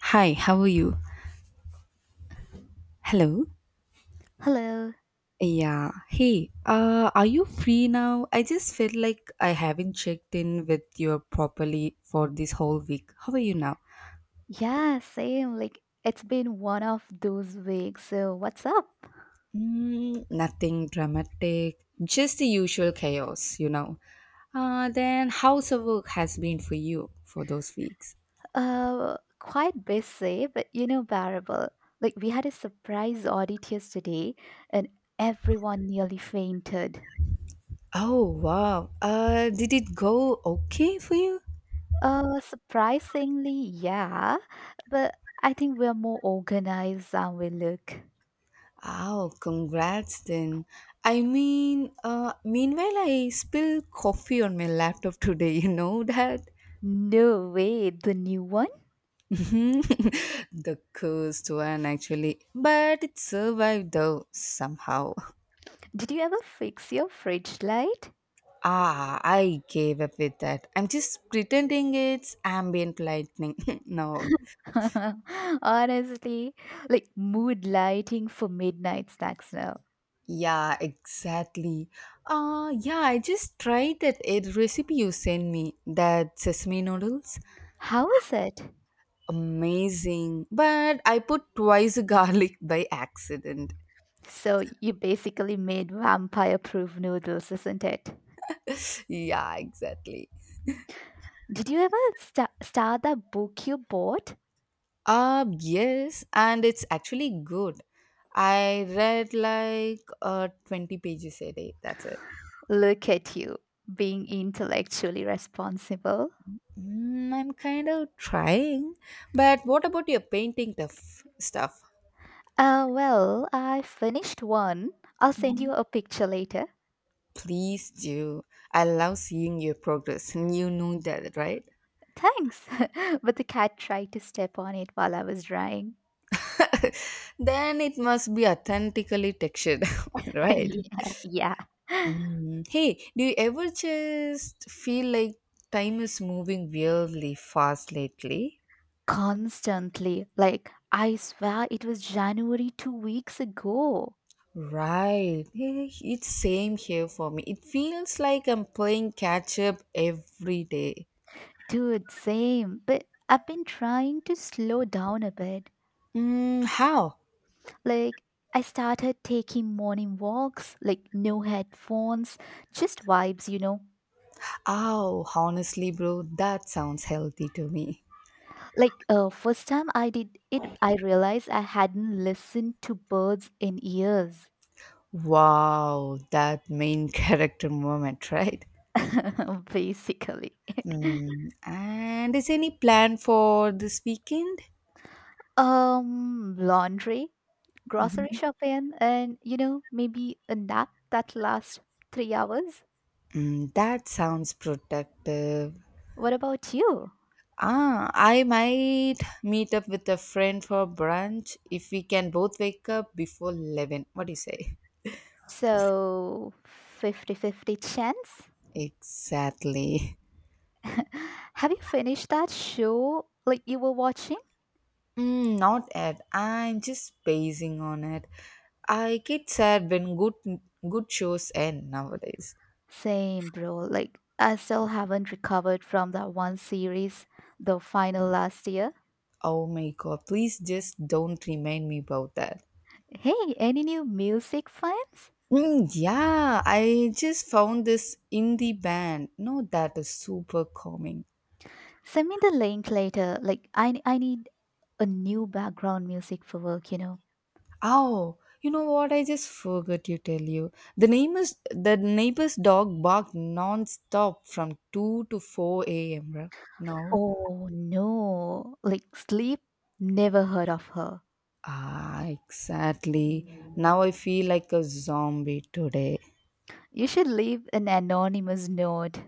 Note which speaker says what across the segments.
Speaker 1: Hi, how are you? Hello.
Speaker 2: Hello.
Speaker 1: Yeah. Hey, are you free now? I just felt like I haven't checked in with you properly for this whole week. How are you now?
Speaker 2: Yeah, same. Like it's been one of those weeks. So what's up?
Speaker 1: Mm, nothing dramatic, just the usual chaos, you know. Then how's the work has been for you for those weeks?
Speaker 2: Quite busy, but bearable. Like we had a surprise audit yesterday, and everyone nearly fainted.
Speaker 1: Oh wow. Did it go okay for you?
Speaker 2: Surprisingly, yeah, but I think we're more organized than we look.
Speaker 1: Oh, congrats then. I mean, meanwhile, I spilled coffee on my laptop today, you know that?
Speaker 2: No way, the new one?
Speaker 1: The cursed one, actually. But it survived though, somehow.
Speaker 2: Did you ever fix your fridge light?
Speaker 1: Ah, I gave up with that. I'm just pretending it's ambient lightning. No.
Speaker 2: Honestly, like mood lighting for midnight snacks now.
Speaker 1: Yeah, exactly. Yeah, I just tried that a recipe you sent me, that sesame noodles.
Speaker 2: How is it?
Speaker 1: Amazing. But I put twice the garlic by accident.
Speaker 2: So you basically made vampire-proof noodles, isn't it?
Speaker 1: Yeah, exactly.
Speaker 2: Did you ever start that book you bought?
Speaker 1: Yes, and it's actually good. I read like 20 pages a day. That's it.
Speaker 2: Look at you, being intellectually responsible.
Speaker 1: Mm, I'm kind of trying. But what about your painting tuff stuff?
Speaker 2: Well, I finished one. I'll send you a picture later.
Speaker 1: Please do. I love seeing your progress. And you know that, right?
Speaker 2: Thanks. But the cat tried to step on it while I was drying.
Speaker 1: Then it must be authentically textured, right?
Speaker 2: Yeah, yeah.
Speaker 1: Mm. Hey, do you ever just feel like time is moving weirdly fast lately?
Speaker 2: Constantly. Like, I swear it was January 2 weeks ago.
Speaker 1: Right. Yeah, it's same here for me. It feels like I'm playing catch up every day.
Speaker 2: Dude, same. But I've been trying to slow down a bit.
Speaker 1: Mm, how?
Speaker 2: Like, I started taking morning walks, like, no headphones, just vibes.
Speaker 1: Oh, honestly, bro, that sounds healthy to me.
Speaker 2: Like, first time I did it, I realized I hadn't listened to birds in years,
Speaker 1: Wow, that main character moment, right?
Speaker 2: basically.
Speaker 1: Mm, and is any plan for this weekend?
Speaker 2: Laundry. Grocery shopping, and maybe a nap that lasts 3 hours.
Speaker 1: Mm, that sounds productive.
Speaker 2: What about you?
Speaker 1: Ah, I might meet up with a friend for brunch if we can both wake up before 11. What do you say?
Speaker 2: So, fifty-fifty chance?
Speaker 1: Exactly.
Speaker 2: Have you finished that show like you were watching?
Speaker 1: Mm, not yet. I'm just basing on it. I get sad when good shows end nowadays.
Speaker 2: Same, bro. Like, I still haven't recovered from that one series, the final last year.
Speaker 1: Oh my god, please just don't remind me about that.
Speaker 2: Hey, any new music finds?
Speaker 1: Mm, yeah, I just found this indie band. No, that is super calming.
Speaker 2: Send me the link later. Like, I need a new background music for work.
Speaker 1: Oh, you know what? I just forgot to tell you. The name is the neighbor's dog barked non-stop from 2 to 4 a.m., right? Now,
Speaker 2: Oh no, like sleep? Never heard of her.
Speaker 1: ah, exactly. Now I feel like a zombie today.
Speaker 2: You should leave an anonymous note.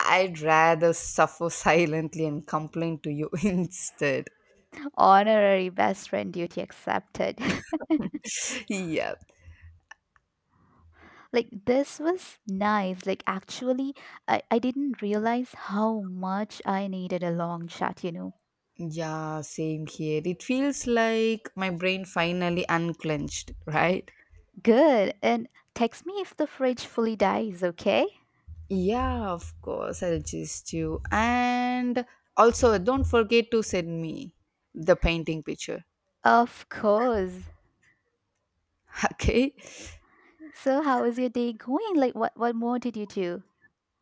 Speaker 1: I'd rather suffer silently and complain to you instead.
Speaker 2: Honorary best friend duty accepted.
Speaker 1: Yep.
Speaker 2: Like this was nice. Like actually, I didn't realize how much I needed a long chat.
Speaker 1: Yeah, same here. It feels like my brain finally unclenched, right?
Speaker 2: Good. And text me if the fridge fully dies, okay?
Speaker 1: Yeah, of course, I'll just you. And also, don't forget to send me the painting picture.
Speaker 2: Of course.
Speaker 1: Okay.
Speaker 2: So how is your day going? Like what more did you do?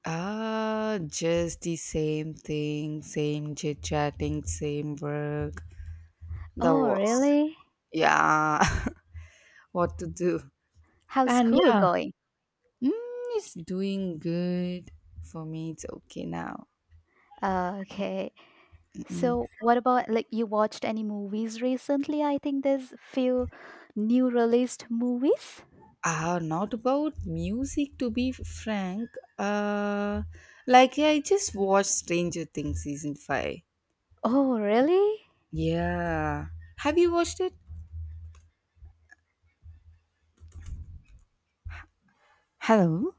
Speaker 1: Ah, just the same thing, same chit chatting, same work. That
Speaker 2: Oh,
Speaker 1: was,
Speaker 2: really?
Speaker 1: yeah, what to do.
Speaker 2: How's
Speaker 1: And
Speaker 2: school
Speaker 1: yeah,
Speaker 2: going?
Speaker 1: mm, it's doing good for me. It's okay now.
Speaker 2: Okay. So, what about like you watched any movies recently? I think there's few new released movies.
Speaker 1: Ah, not about music to be frank. Uh, like I just watched Stranger Things season 5.
Speaker 2: Oh, really?
Speaker 1: Yeah, have you watched it? Hello?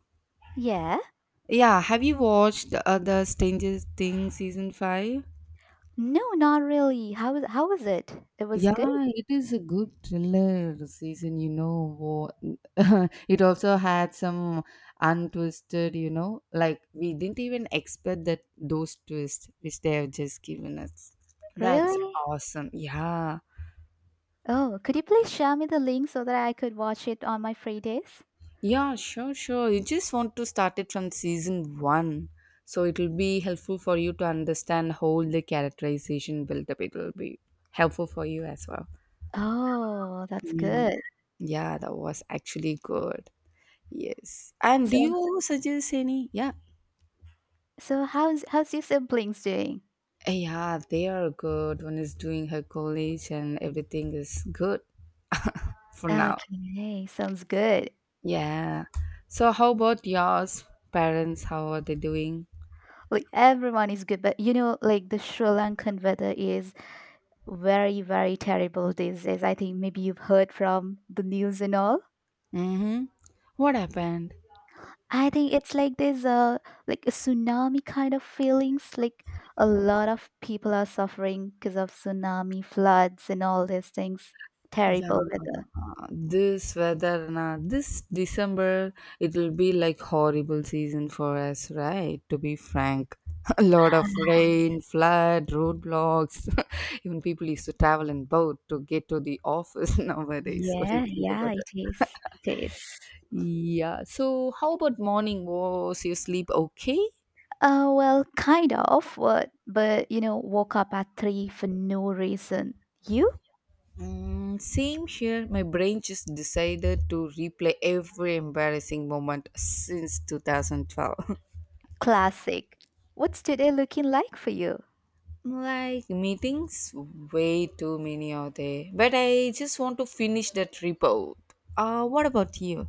Speaker 2: Yeah.
Speaker 1: Yeah, have you watched the Stranger Things season 5?
Speaker 2: No, not really. How was it? It was
Speaker 1: Yeah,
Speaker 2: good?
Speaker 1: it is a good thriller season, you know. It also had some untwisted, you know, like we didn't even expect that those twists which they have just given us. That's
Speaker 2: Really?
Speaker 1: awesome. Yeah.
Speaker 2: Oh, could you please share me the link so that I could watch it on my free days?
Speaker 1: Yeah, sure, sure. You just want to start it from season 1. So it'll be helpful for you to understand how the characterization build up. It'll be helpful for you as well.
Speaker 2: Oh, that's
Speaker 1: Mm.
Speaker 2: good.
Speaker 1: Yeah, that was actually good. Yes. And do
Speaker 2: So,
Speaker 1: you suggest any? Yeah.
Speaker 2: so, how's your siblings doing?
Speaker 1: Eh, yeah, they are good. One is doing her college and everything is good for now.
Speaker 2: Okay, sounds good.
Speaker 1: Yeah. So how about yours? Parents, how are they doing?
Speaker 2: Like everyone is good, but like the Sri Lankan weather is very, very terrible these days. I think maybe you've heard from the news and all.
Speaker 1: Mm-hmm. What happened?
Speaker 2: I think it's like there's a tsunami kind of feelings. Like a lot of people are suffering because of tsunami, floods, and all these things.
Speaker 1: Yeah,
Speaker 2: Terrible weather.
Speaker 1: this weather, na this December, it will be like horrible season for us, right? To be frank, a lot of rain, flood, roadblocks. Even people used to travel in boat to get to the office nowadays. What do you
Speaker 2: Yeah,
Speaker 1: think about
Speaker 2: yeah, it is. It is.
Speaker 1: that? Yeah. So, how about morning? Was your sleep okay?
Speaker 2: Well, kind of, but woke up at three for no reason. You
Speaker 1: Mm, same here. My brain just decided to replay every embarrassing moment since 2012.
Speaker 2: classic. What's today looking like for you?
Speaker 1: Like meetings, way too many out there. But I just want to finish that report. What about you?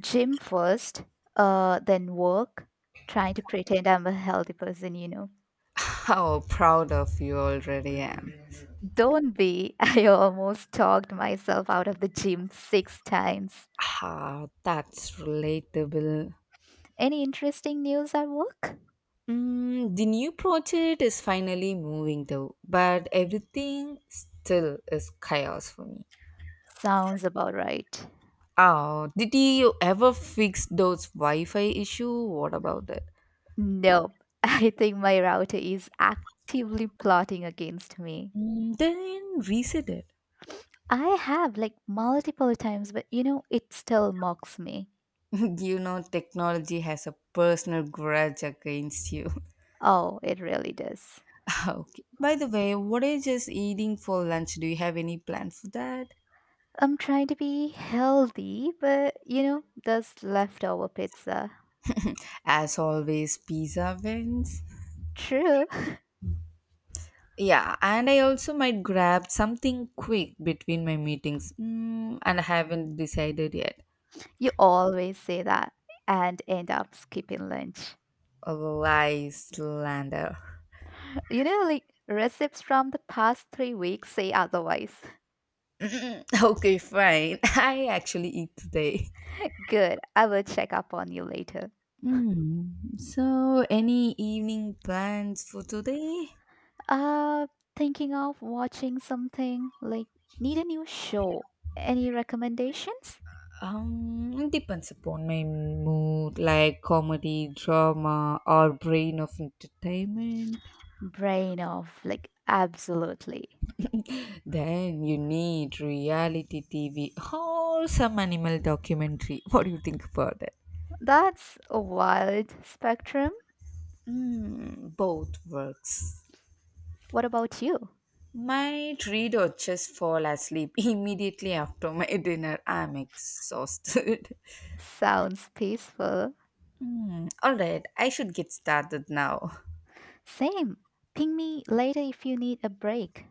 Speaker 2: Gym first, then work, trying to pretend I'm a healthy person.
Speaker 1: How proud of you already am.
Speaker 2: Don't be. I almost talked myself out of the gym six times.
Speaker 1: Ah, that's relatable.
Speaker 2: Any interesting news at work?
Speaker 1: Mm, the new project is finally moving though, but everything still is chaos for me.
Speaker 2: Sounds about right.
Speaker 1: Oh, did you ever fix those Wi-Fi issue? What about that?
Speaker 2: Nope. I think my router is actively plotting against me.
Speaker 1: Mm, then reset it.
Speaker 2: I have like multiple times, but it still mocks me.
Speaker 1: You know technology has a personal grudge against you.
Speaker 2: Oh, it really does.
Speaker 1: Okay, by the way, what is just eating for lunch? Do you have any plan for that?
Speaker 2: I'm trying to be healthy, but there's leftover pizza.
Speaker 1: As always, pizza wins.
Speaker 2: True.
Speaker 1: Yeah, and I also might grab something quick between my meetings, mm, and I haven't decided yet.
Speaker 2: You always say that and end up skipping lunch.
Speaker 1: A Lyslander.
Speaker 2: Like recipes from the past 3 weeks say otherwise.
Speaker 1: Okay, fine, I actually eat today.
Speaker 2: Good. I will check up on you later.
Speaker 1: Hmm. So, any evening plans for today?
Speaker 2: Uh, Thinking of watching something like need a new show. Any recommendations?
Speaker 1: It depends upon my mood, like comedy, drama, or brain of entertainment.
Speaker 2: Brain off, like absolutely.
Speaker 1: Then you need reality TV or some animal documentary. What do you think about that?
Speaker 2: That's a wild spectrum.
Speaker 1: Mm, both works.
Speaker 2: What about you?
Speaker 1: Might read or just fall asleep immediately after my dinner. I'm exhausted.
Speaker 2: Sounds peaceful.
Speaker 1: Hmm, all right, I should get started now.
Speaker 2: Same. Ping me later if you need a break.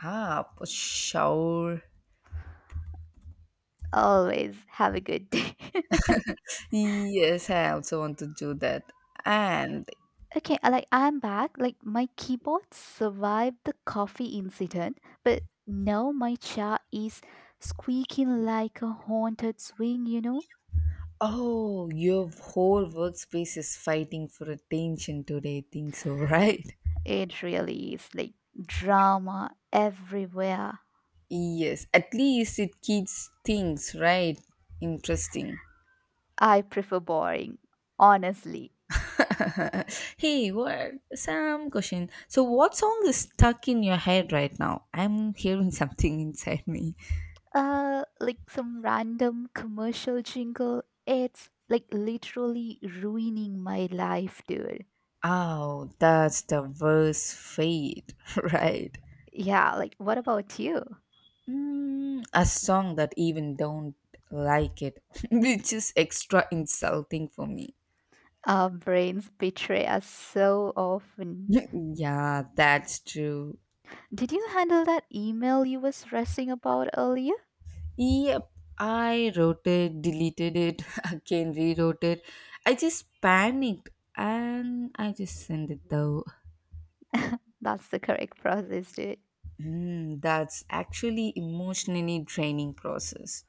Speaker 1: Ah, for sure.
Speaker 2: Always have a good day.
Speaker 1: Yes, I also want to do that. And
Speaker 2: Okay, like I'm back. Like my keyboard survived the coffee incident, but now my chair is squeaking like a haunted swing, you know?
Speaker 1: oh, your whole workspace is fighting for attention today, I think so, right?
Speaker 2: It really is like drama everywhere.
Speaker 1: Yes, at least it keeps things right interesting.
Speaker 2: I prefer boring, honestly.
Speaker 1: Hey, what some question. So what song is stuck in your head right now? I'm hearing something inside me.
Speaker 2: Like some random commercial jingle, it's like literally ruining my life, dude.
Speaker 1: Oh, that's the worst fate, right?
Speaker 2: Yeah, like what about you?
Speaker 1: Mm, a song that even don't like it, which is extra insulting for me.
Speaker 2: Our brains betray us so often.
Speaker 1: Yeah, that's true.
Speaker 2: Did you handle that email you was stressing about earlier?
Speaker 1: Yep, I wrote it, deleted it, again rewrote it. I just panicked and I just sent it though.
Speaker 2: That's the correct process, dude.
Speaker 1: Mm, that's actually emotionally draining process.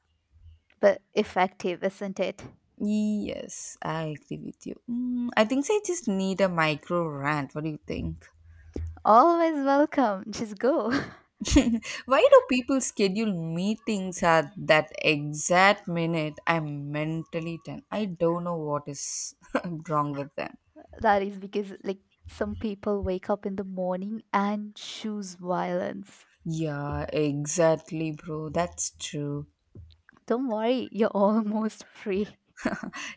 Speaker 2: But effective, isn't it?
Speaker 1: Yes, I agree with you. Mm, I think so, I just need a micro rant. What do you think?
Speaker 2: Always welcome, just go.
Speaker 1: Why do people schedule meetings at that exact minute? I'm mentally tense. I don't know what is wrong with them.
Speaker 2: That is because like some people wake up in the morning and choose violence.
Speaker 1: Yeah, exactly, bro. That's true.
Speaker 2: Don't worry, you're almost free.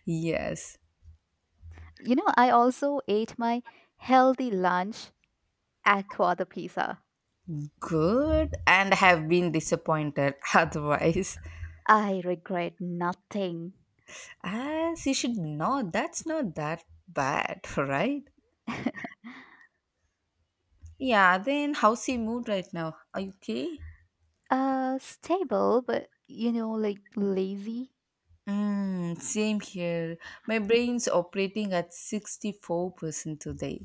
Speaker 1: Yes.
Speaker 2: I also ate my healthy lunch at the pizza.
Speaker 1: Good and have been disappointed otherwise.
Speaker 2: I regret nothing.
Speaker 1: As you should know, that's not that bad, right? Yeah, then how's he mood right now? Are you okay?
Speaker 2: Stable, but like lazy.
Speaker 1: Mm, same here. My brain's operating at 64% today.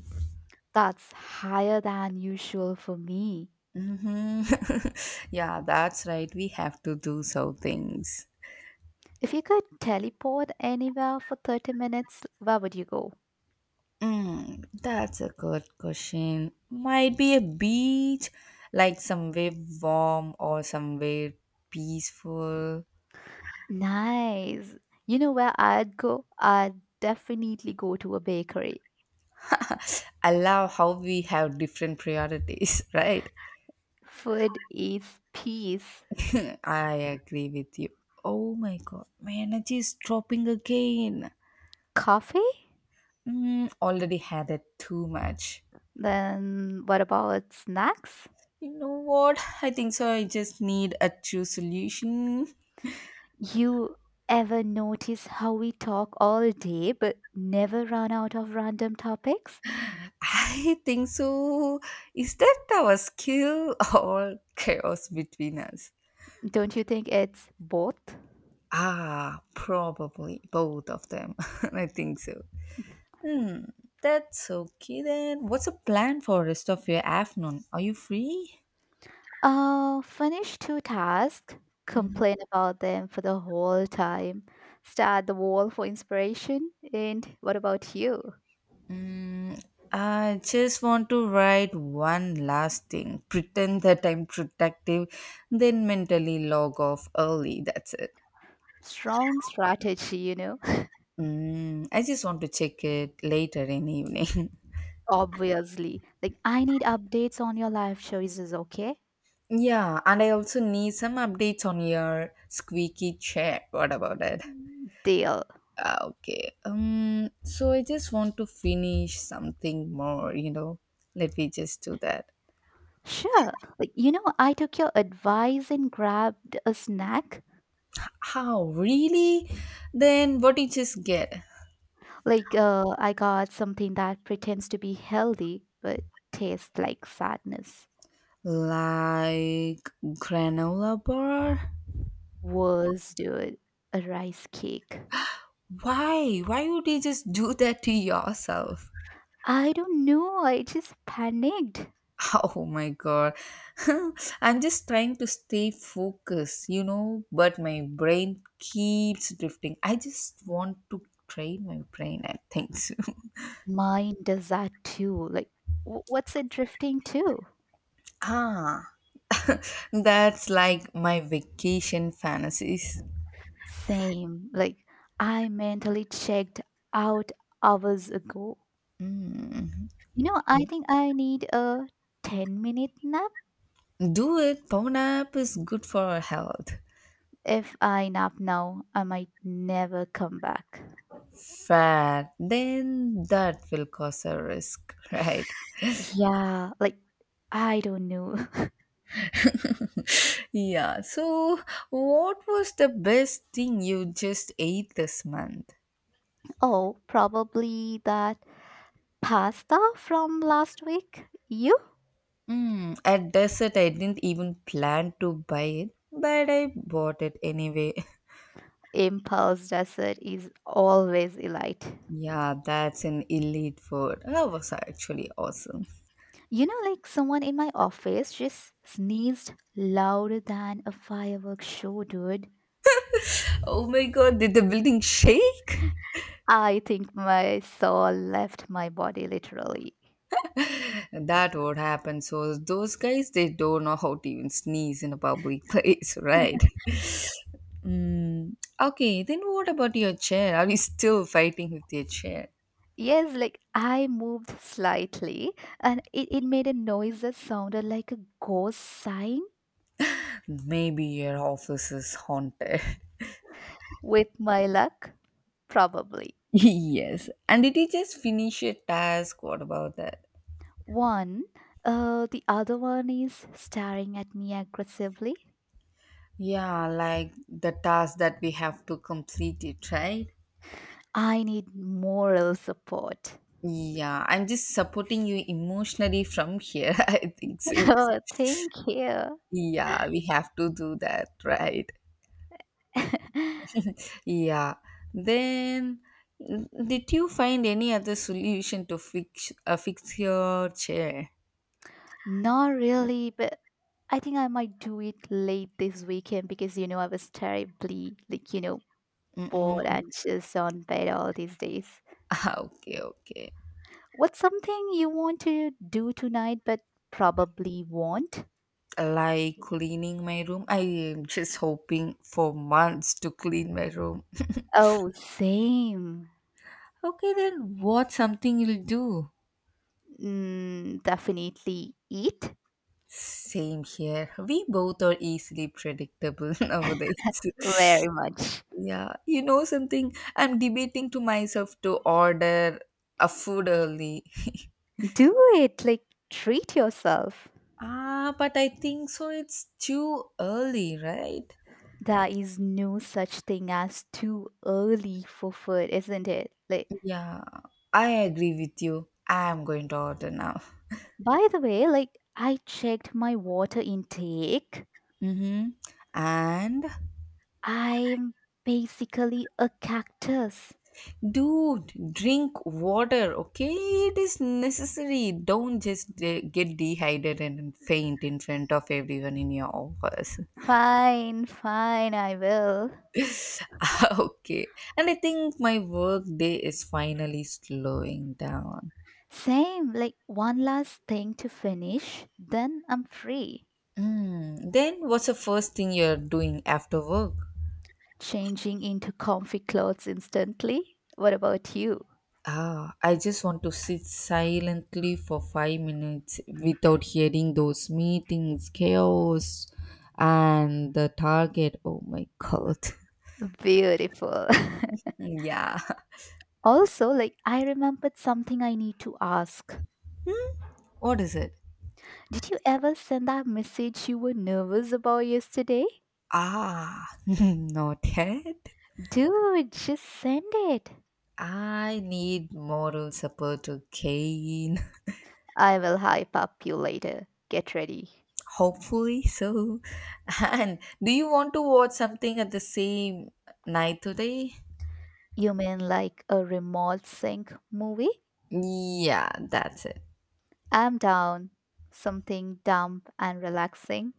Speaker 2: That's higher than usual for me.
Speaker 1: Hmm. Yeah, that's right. We have to do some things.
Speaker 2: If you could teleport anywhere for 30 minutes, where would you go?
Speaker 1: Mm, that's a good question. Might be a beach, like somewhere warm or somewhere peaceful.
Speaker 2: Nice. You know where I'd go? I'd definitely go to a bakery.
Speaker 1: I love how we have different priorities, right?
Speaker 2: Food is peace.
Speaker 1: I agree with you. Oh my god, my energy is dropping again.
Speaker 2: Coffee?
Speaker 1: Mm, already had it too much.
Speaker 2: Then what about snacks?
Speaker 1: You know what? I think so. I just need a true solution.
Speaker 2: You ever notice how we talk all day but never run out of random topics?
Speaker 1: I think so. Is that our skill or chaos between us?
Speaker 2: Don't you think it's both?
Speaker 1: Ah, probably both of them. I think so. Hmm, that's okay then. What's the plan for rest of your afternoon? Are you free?
Speaker 2: Finish two tasks,
Speaker 1: Hmm.
Speaker 2: complain about them for the whole time, stare at the wall for inspiration, and what about you?
Speaker 1: Mm, I just want to write one last thing, pretend that I'm protective, then mentally log off early. That's it.
Speaker 2: Strong strategy, you know?
Speaker 1: Mm, I just want to check it later in evening.
Speaker 2: Obviously. Like, I need updates on your life choices, okay?
Speaker 1: Yeah, and I also need some updates on your squeaky chair. What about it?
Speaker 2: Deal.
Speaker 1: Ah, okay. So I just want to finish something more. You know, let me just do that.
Speaker 2: Sure. Like, I took your advice and grabbed a snack.
Speaker 1: How really? Then what did you just get?
Speaker 2: Like, I got something that pretends to be healthy but tastes like sadness.
Speaker 1: Like granola bar?
Speaker 2: Was, dude, a rice cake.
Speaker 1: Why? Why would you just do that to yourself?
Speaker 2: I don't know. I just panicked.
Speaker 1: Oh my god. I'm just trying to stay focused, you know, but my brain keeps drifting. I just want to train my brain, I think so.
Speaker 2: Mine does that too. Like, what's it drifting to?
Speaker 1: Ah. That's like my vacation fantasies.
Speaker 2: Same. Like, I mentally checked out hours ago.
Speaker 1: Mm.
Speaker 2: I think I need a 10-minute nap.
Speaker 1: Do it. Power nap is good for our health.
Speaker 2: If I nap now, I might never come back.
Speaker 1: Fair. Then that will cause a risk, right?
Speaker 2: Yeah, like I don't know.
Speaker 1: Yeah. So, what was the best thing you just ate this month?
Speaker 2: Oh, probably that pasta from last week. You.
Speaker 1: Mm, at dessert, I didn't even plan to buy it, but I bought it anyway.
Speaker 2: Impulse dessert is always a elite.
Speaker 1: Yeah, that's an elite food. That was actually awesome.
Speaker 2: You know, like someone in my office just sneezed louder than a fireworks show, dude.
Speaker 1: Oh my god, did the building shake?
Speaker 2: I think my soul left my body literally.
Speaker 1: That would happen. So, those guys, they don't know how to even sneeze in a public place, right? Mm, okay, then what about your chair? Are you still fighting with your chair?
Speaker 2: Yes, like I moved slightly and it made a noise that sounded like a ghost sighing
Speaker 1: Maybe your office is haunted.
Speaker 2: with my luck, probably.
Speaker 1: Yes, and did you just finish your task? What about that?
Speaker 2: One, the other one is staring at me aggressively.
Speaker 1: Yeah, like the task that we have to complete it, right?
Speaker 2: I need moral support.
Speaker 1: Yeah, I'm just supporting you emotionally from here. I think so.
Speaker 2: Oh, thank you.
Speaker 1: Yeah, we have to do that, right? Yeah. Then, did you find any other solution to fix fix your chair?
Speaker 2: Not really, but I think I might do it late this weekend because, I was terribly, like,
Speaker 1: Mm-mm.
Speaker 2: bored and just on bed all these days.
Speaker 1: Okay, okay.
Speaker 2: What's something you want to do tonight but probably won't?
Speaker 1: Like cleaning my room. I am just hoping for months to clean my room.
Speaker 2: Oh, same.
Speaker 1: Okay, then what something you'll do?
Speaker 2: Definitely eat
Speaker 1: Same here. We both are easily predictable nowadays.
Speaker 2: very much.
Speaker 1: Yeah, you know something. I'm debating to myself to order a food early.
Speaker 2: Do it, like treat yourself.
Speaker 1: Ah, but I think so it's too early, right?
Speaker 2: There is no such thing as too early for food, isn't it? Like,
Speaker 1: Yeah, I agree with you. I am going to order now.
Speaker 2: by the way, like I checked my water intake.
Speaker 1: Mm-hmm. And
Speaker 2: I'm basically a cactus.
Speaker 1: dude, drink water, okay? It is necessary. Don't just get dehydrated and faint in front of everyone in your office.
Speaker 2: Fine, fine, I will.
Speaker 1: Okay. And I think my work day is finally slowing down.
Speaker 2: Same, like one last thing to finish, then I'm free.
Speaker 1: Mm. Then what's the first thing you're doing after work?
Speaker 2: Changing into comfy clothes instantly. What about you?
Speaker 1: I just want to sit silently for 5 minutes without hearing those meetings, chaos, and the target. Oh my god.
Speaker 2: Beautiful.
Speaker 1: yeah.
Speaker 2: Also, like I remembered something I need to ask.
Speaker 1: What is it?
Speaker 2: Did you ever send that message you were nervous about yesterday?
Speaker 1: Not yet.
Speaker 2: Dude, just send it.
Speaker 1: I need moral support to gain.
Speaker 2: I will hype up you later. Get ready.
Speaker 1: Hopefully so. And do you want to watch something at the same night today?
Speaker 2: You mean like a remote sync movie?
Speaker 1: Yeah, that's it.
Speaker 2: I'm down. Something dumb and relaxing.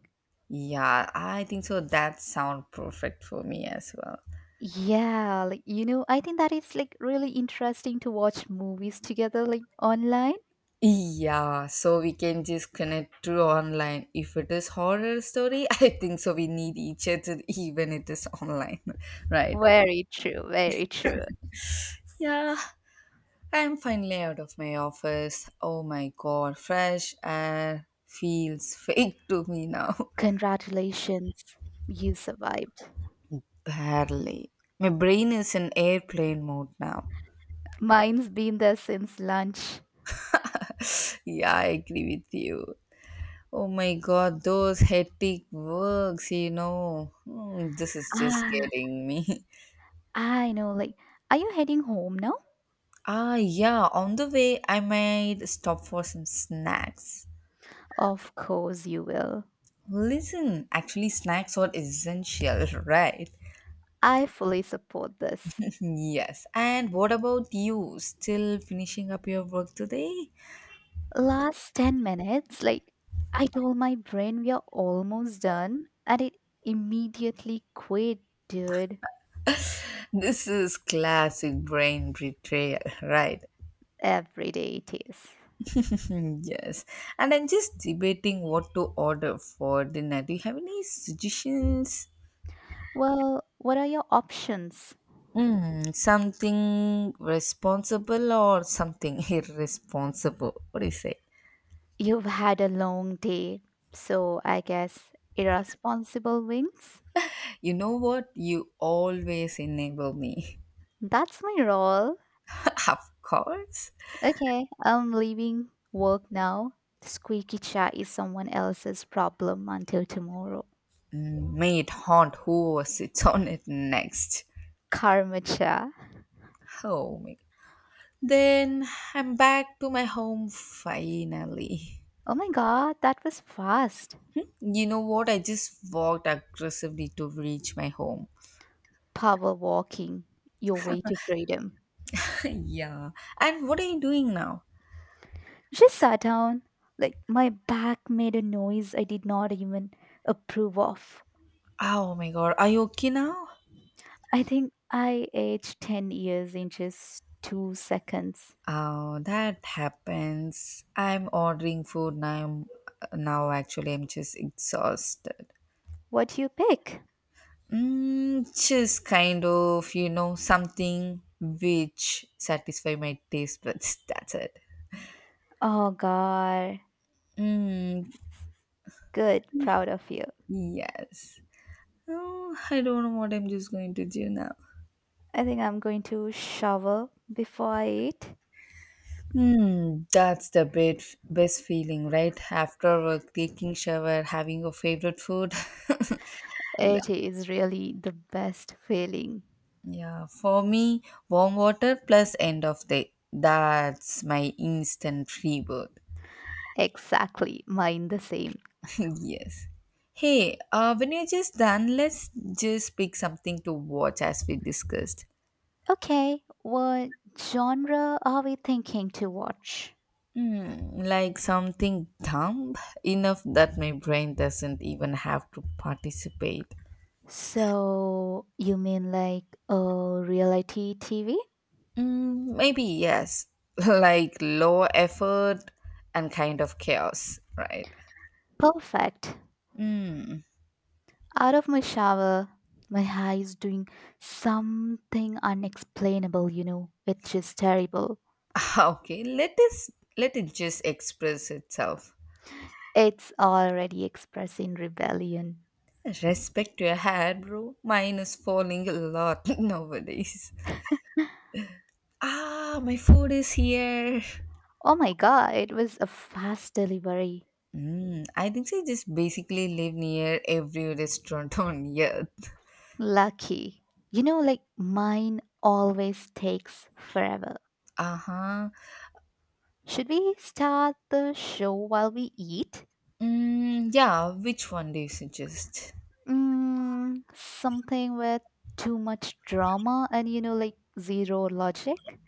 Speaker 1: Yeah, I think so. That sound perfect for me as well.
Speaker 2: Yeah, like I think that it's like really interesting to watch movies together like online.
Speaker 1: Yeah, so we can just connect through online. If it is horror story, I think so. We need each other even it is online, right?
Speaker 2: Very true, very true.
Speaker 1: Yeah, I'm finally out of my office. Oh my god, fresh air feels fake to me now.
Speaker 2: Congratulations, you survived.
Speaker 1: Barely. My brain is in airplane mode now.
Speaker 2: Mine's been there since lunch.
Speaker 1: Yeah, I agree with you. Oh my god, those hectic works. This is just
Speaker 2: Ah,
Speaker 1: getting me.
Speaker 2: I know, like, are you heading home now?
Speaker 1: Yeah, on the way, I might stop for some snacks.
Speaker 2: Of course you will.
Speaker 1: Listen, actually, snacks are essential, right?
Speaker 2: I fully support this.
Speaker 1: yes. And what about you? Still finishing up your work today?
Speaker 2: Last 10 minutes, like, I told my brain we are almost done, and it immediately quit, dude.
Speaker 1: This is classic brain betrayal, right?
Speaker 2: Every day it is.
Speaker 1: yes. And I'm just debating what to order for dinner. Do you have any suggestions?
Speaker 2: Well, what are your options?
Speaker 1: Something responsible or something irresponsible. What do you say?
Speaker 2: You've had a long day, so I guess irresponsible wings?
Speaker 1: You know what? You always enable me.
Speaker 2: That's my role.
Speaker 1: of course.
Speaker 2: Okay, I'm leaving work now. The squeaky chair is someone else's problem until tomorrow.
Speaker 1: May it haunt whoever sits on it next.
Speaker 2: Karma chair.
Speaker 1: Oh my god. Then I'm back to my home finally.
Speaker 2: Oh my god, that was fast.
Speaker 1: You know what? I just walked aggressively to reach my home.
Speaker 2: Power walking, your way to freedom.
Speaker 1: yeah. And what are you doing now?
Speaker 2: Just sat down. Like, my back made a noise I did not even approve of.
Speaker 1: Oh my god. Are you okay now?
Speaker 2: I think I aged 10 years in just 2 seconds.
Speaker 1: Oh, that happens. I'm ordering food now. Now, actually, I'm just exhausted.
Speaker 2: What do you pick?
Speaker 1: Just kind of, something which satisfy my taste buds. That's it.
Speaker 2: Oh, God.
Speaker 1: Mm,
Speaker 2: Good. Proud of you.
Speaker 1: yes. Oh, I don't know what I'm just going to do now.
Speaker 2: I think I'm going to shower before I eat.
Speaker 1: Hmm, that's the bit, Best feeling, right? After work, taking shower, having your favorite food.
Speaker 2: It is really the best feeling.
Speaker 1: Yeah, for me, warm water plus end of day. That's my instant rebirth.
Speaker 2: Exactly. Mine the same.
Speaker 1: yes. Hey, when you're just done, let's just pick something to watch as we discussed.
Speaker 2: Okay. What genre are we thinking to watch?
Speaker 1: Like something dumb enough that my brain doesn't even have to participate.
Speaker 2: So, you mean like a reality TV?
Speaker 1: Maybe yes, like low effort and kind of chaos, right?
Speaker 2: Perfect. Out of my shower, my hair is doing something unexplainable, which is terrible.
Speaker 1: Okay, let it just express itself.
Speaker 2: It's already expressing rebellion.
Speaker 1: Respect your hair, bro. Mine is falling a lot nowadays. My food is here.
Speaker 2: Oh my god, it was a fast delivery.
Speaker 1: I think they just basically live near every restaurant on earth.
Speaker 2: Lucky. Like mine always takes forever.
Speaker 1: Uh huh.
Speaker 2: Should we start the show while we eat?
Speaker 1: Mm, yeah, which one do you suggest?
Speaker 2: Something with too much drama and, like zero logic?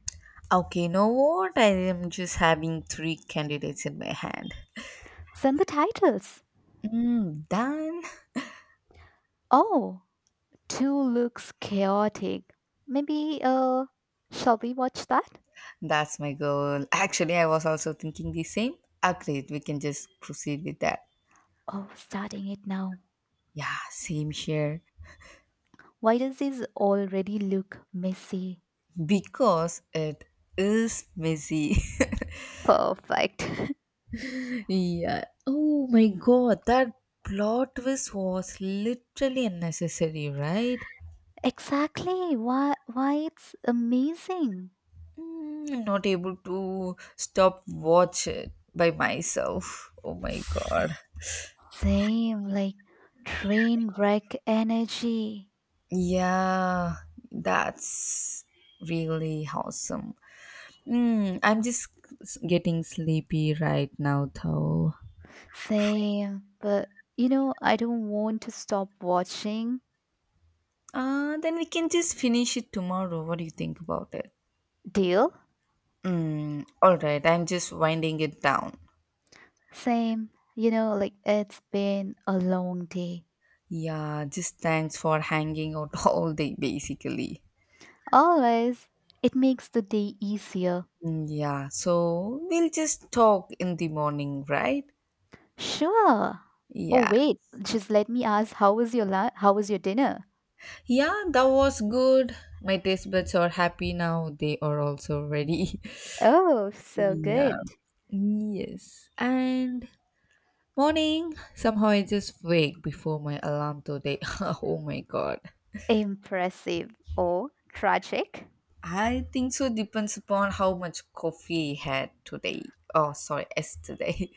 Speaker 1: Okay, know what? I am just having three candidates in my hand.
Speaker 2: Send the titles.
Speaker 1: Mm, done.
Speaker 2: Oh, 2 looks chaotic. Maybe, shall we watch that?
Speaker 1: That's my goal. Actually, I was also thinking the same. Agreed. We can just proceed with that.
Speaker 2: Oh, starting it now.
Speaker 1: Yeah, same here.
Speaker 2: Why does this already look messy?
Speaker 1: Because it is messy.
Speaker 2: Perfect.
Speaker 1: Yeah. Oh my god, that plot twist was literally unnecessary, right?
Speaker 2: Exactly. Why? Why it's amazing.
Speaker 1: I'm not able to stop watch it by myself. Oh my
Speaker 2: S-
Speaker 1: god.
Speaker 2: Same, like train wreck energy.
Speaker 1: Yeah, that's really awesome. I'm just getting sleepy right now, though.
Speaker 2: Same, but I don't want to stop watching.
Speaker 1: Then we can just finish it tomorrow. What do you think about it?
Speaker 2: Deal?
Speaker 1: All right, I'm just winding it down.
Speaker 2: Same. Like it's been a long day.
Speaker 1: Yeah, just thanks for hanging out all day, basically.
Speaker 2: Always. It makes the day easier.
Speaker 1: Mm, yeah, so we'll just talk in the morning, right?
Speaker 2: Sure. Oh
Speaker 1: Yeah,
Speaker 2: wait, just let me ask how was your dinner?
Speaker 1: yeah, that was good. My taste buds are happy now, they are also ready.
Speaker 2: Oh, so
Speaker 1: yeah,
Speaker 2: good.
Speaker 1: yes, and morning somehow I just wake before my alarm today. oh my god.
Speaker 2: Impressive or tragic?
Speaker 1: I think so depends upon how much coffee I had today. Oh, sorry, yesterday.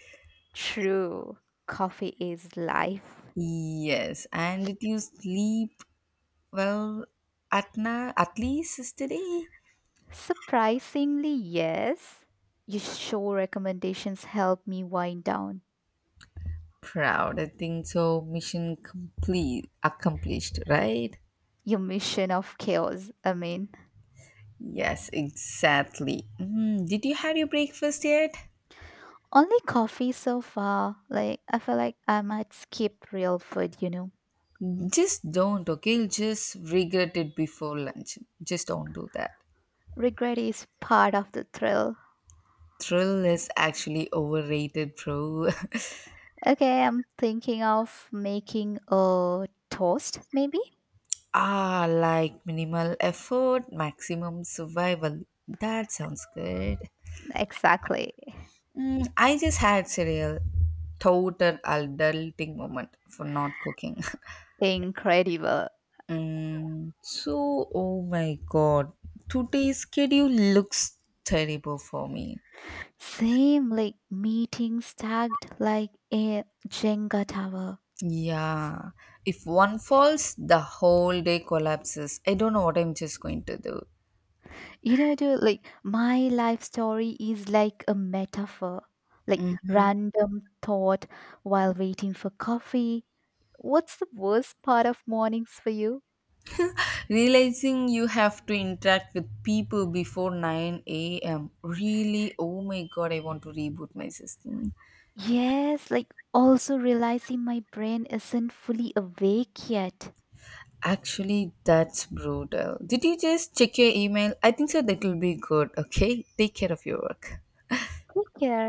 Speaker 2: True. Coffee is life.
Speaker 1: yes, and did you sleep well at least yesterday?
Speaker 2: Surprisingly, yes. Your show recommendations help me wind down.
Speaker 1: Proud, I think so. Mission complete, accomplished, right?
Speaker 2: Your mission of chaos, I mean.
Speaker 1: Yes, exactly. Did you have your breakfast yet?
Speaker 2: Only coffee so far. Like I feel like I might skip real food.
Speaker 1: Just don't, okay? You'll just regret it before lunch. Just don't do that.
Speaker 2: Regret is part of the thrill.
Speaker 1: Thrill is actually overrated, bro.
Speaker 2: Okay, I'm thinking of making a toast, maybe?
Speaker 1: Like minimal effort, maximum survival. That sounds good.
Speaker 2: Exactly.
Speaker 1: I just had cereal. Total adulting moment for not cooking.
Speaker 2: Incredible.
Speaker 1: So, oh my god, today's schedule looks terrible for me.
Speaker 2: Same like meeting stacked like a Jenga tower.
Speaker 1: Yeah, if one falls, the whole day collapses. I don't know what I'm just going to do.
Speaker 2: Dude, like my life story is like a metaphor, like
Speaker 1: Mhm.
Speaker 2: random thought while waiting for coffee. What's the worst part of mornings for you?
Speaker 1: Realizing you have to interact with people before 9 a.m. Really, oh my god, I want to reboot my system.
Speaker 2: Yes, like also realizing my brain isn't fully awake yet.
Speaker 1: Actually, that's brutal. Did you just check your email? I think so that will be good. Okay, take care of your work.
Speaker 2: Take care.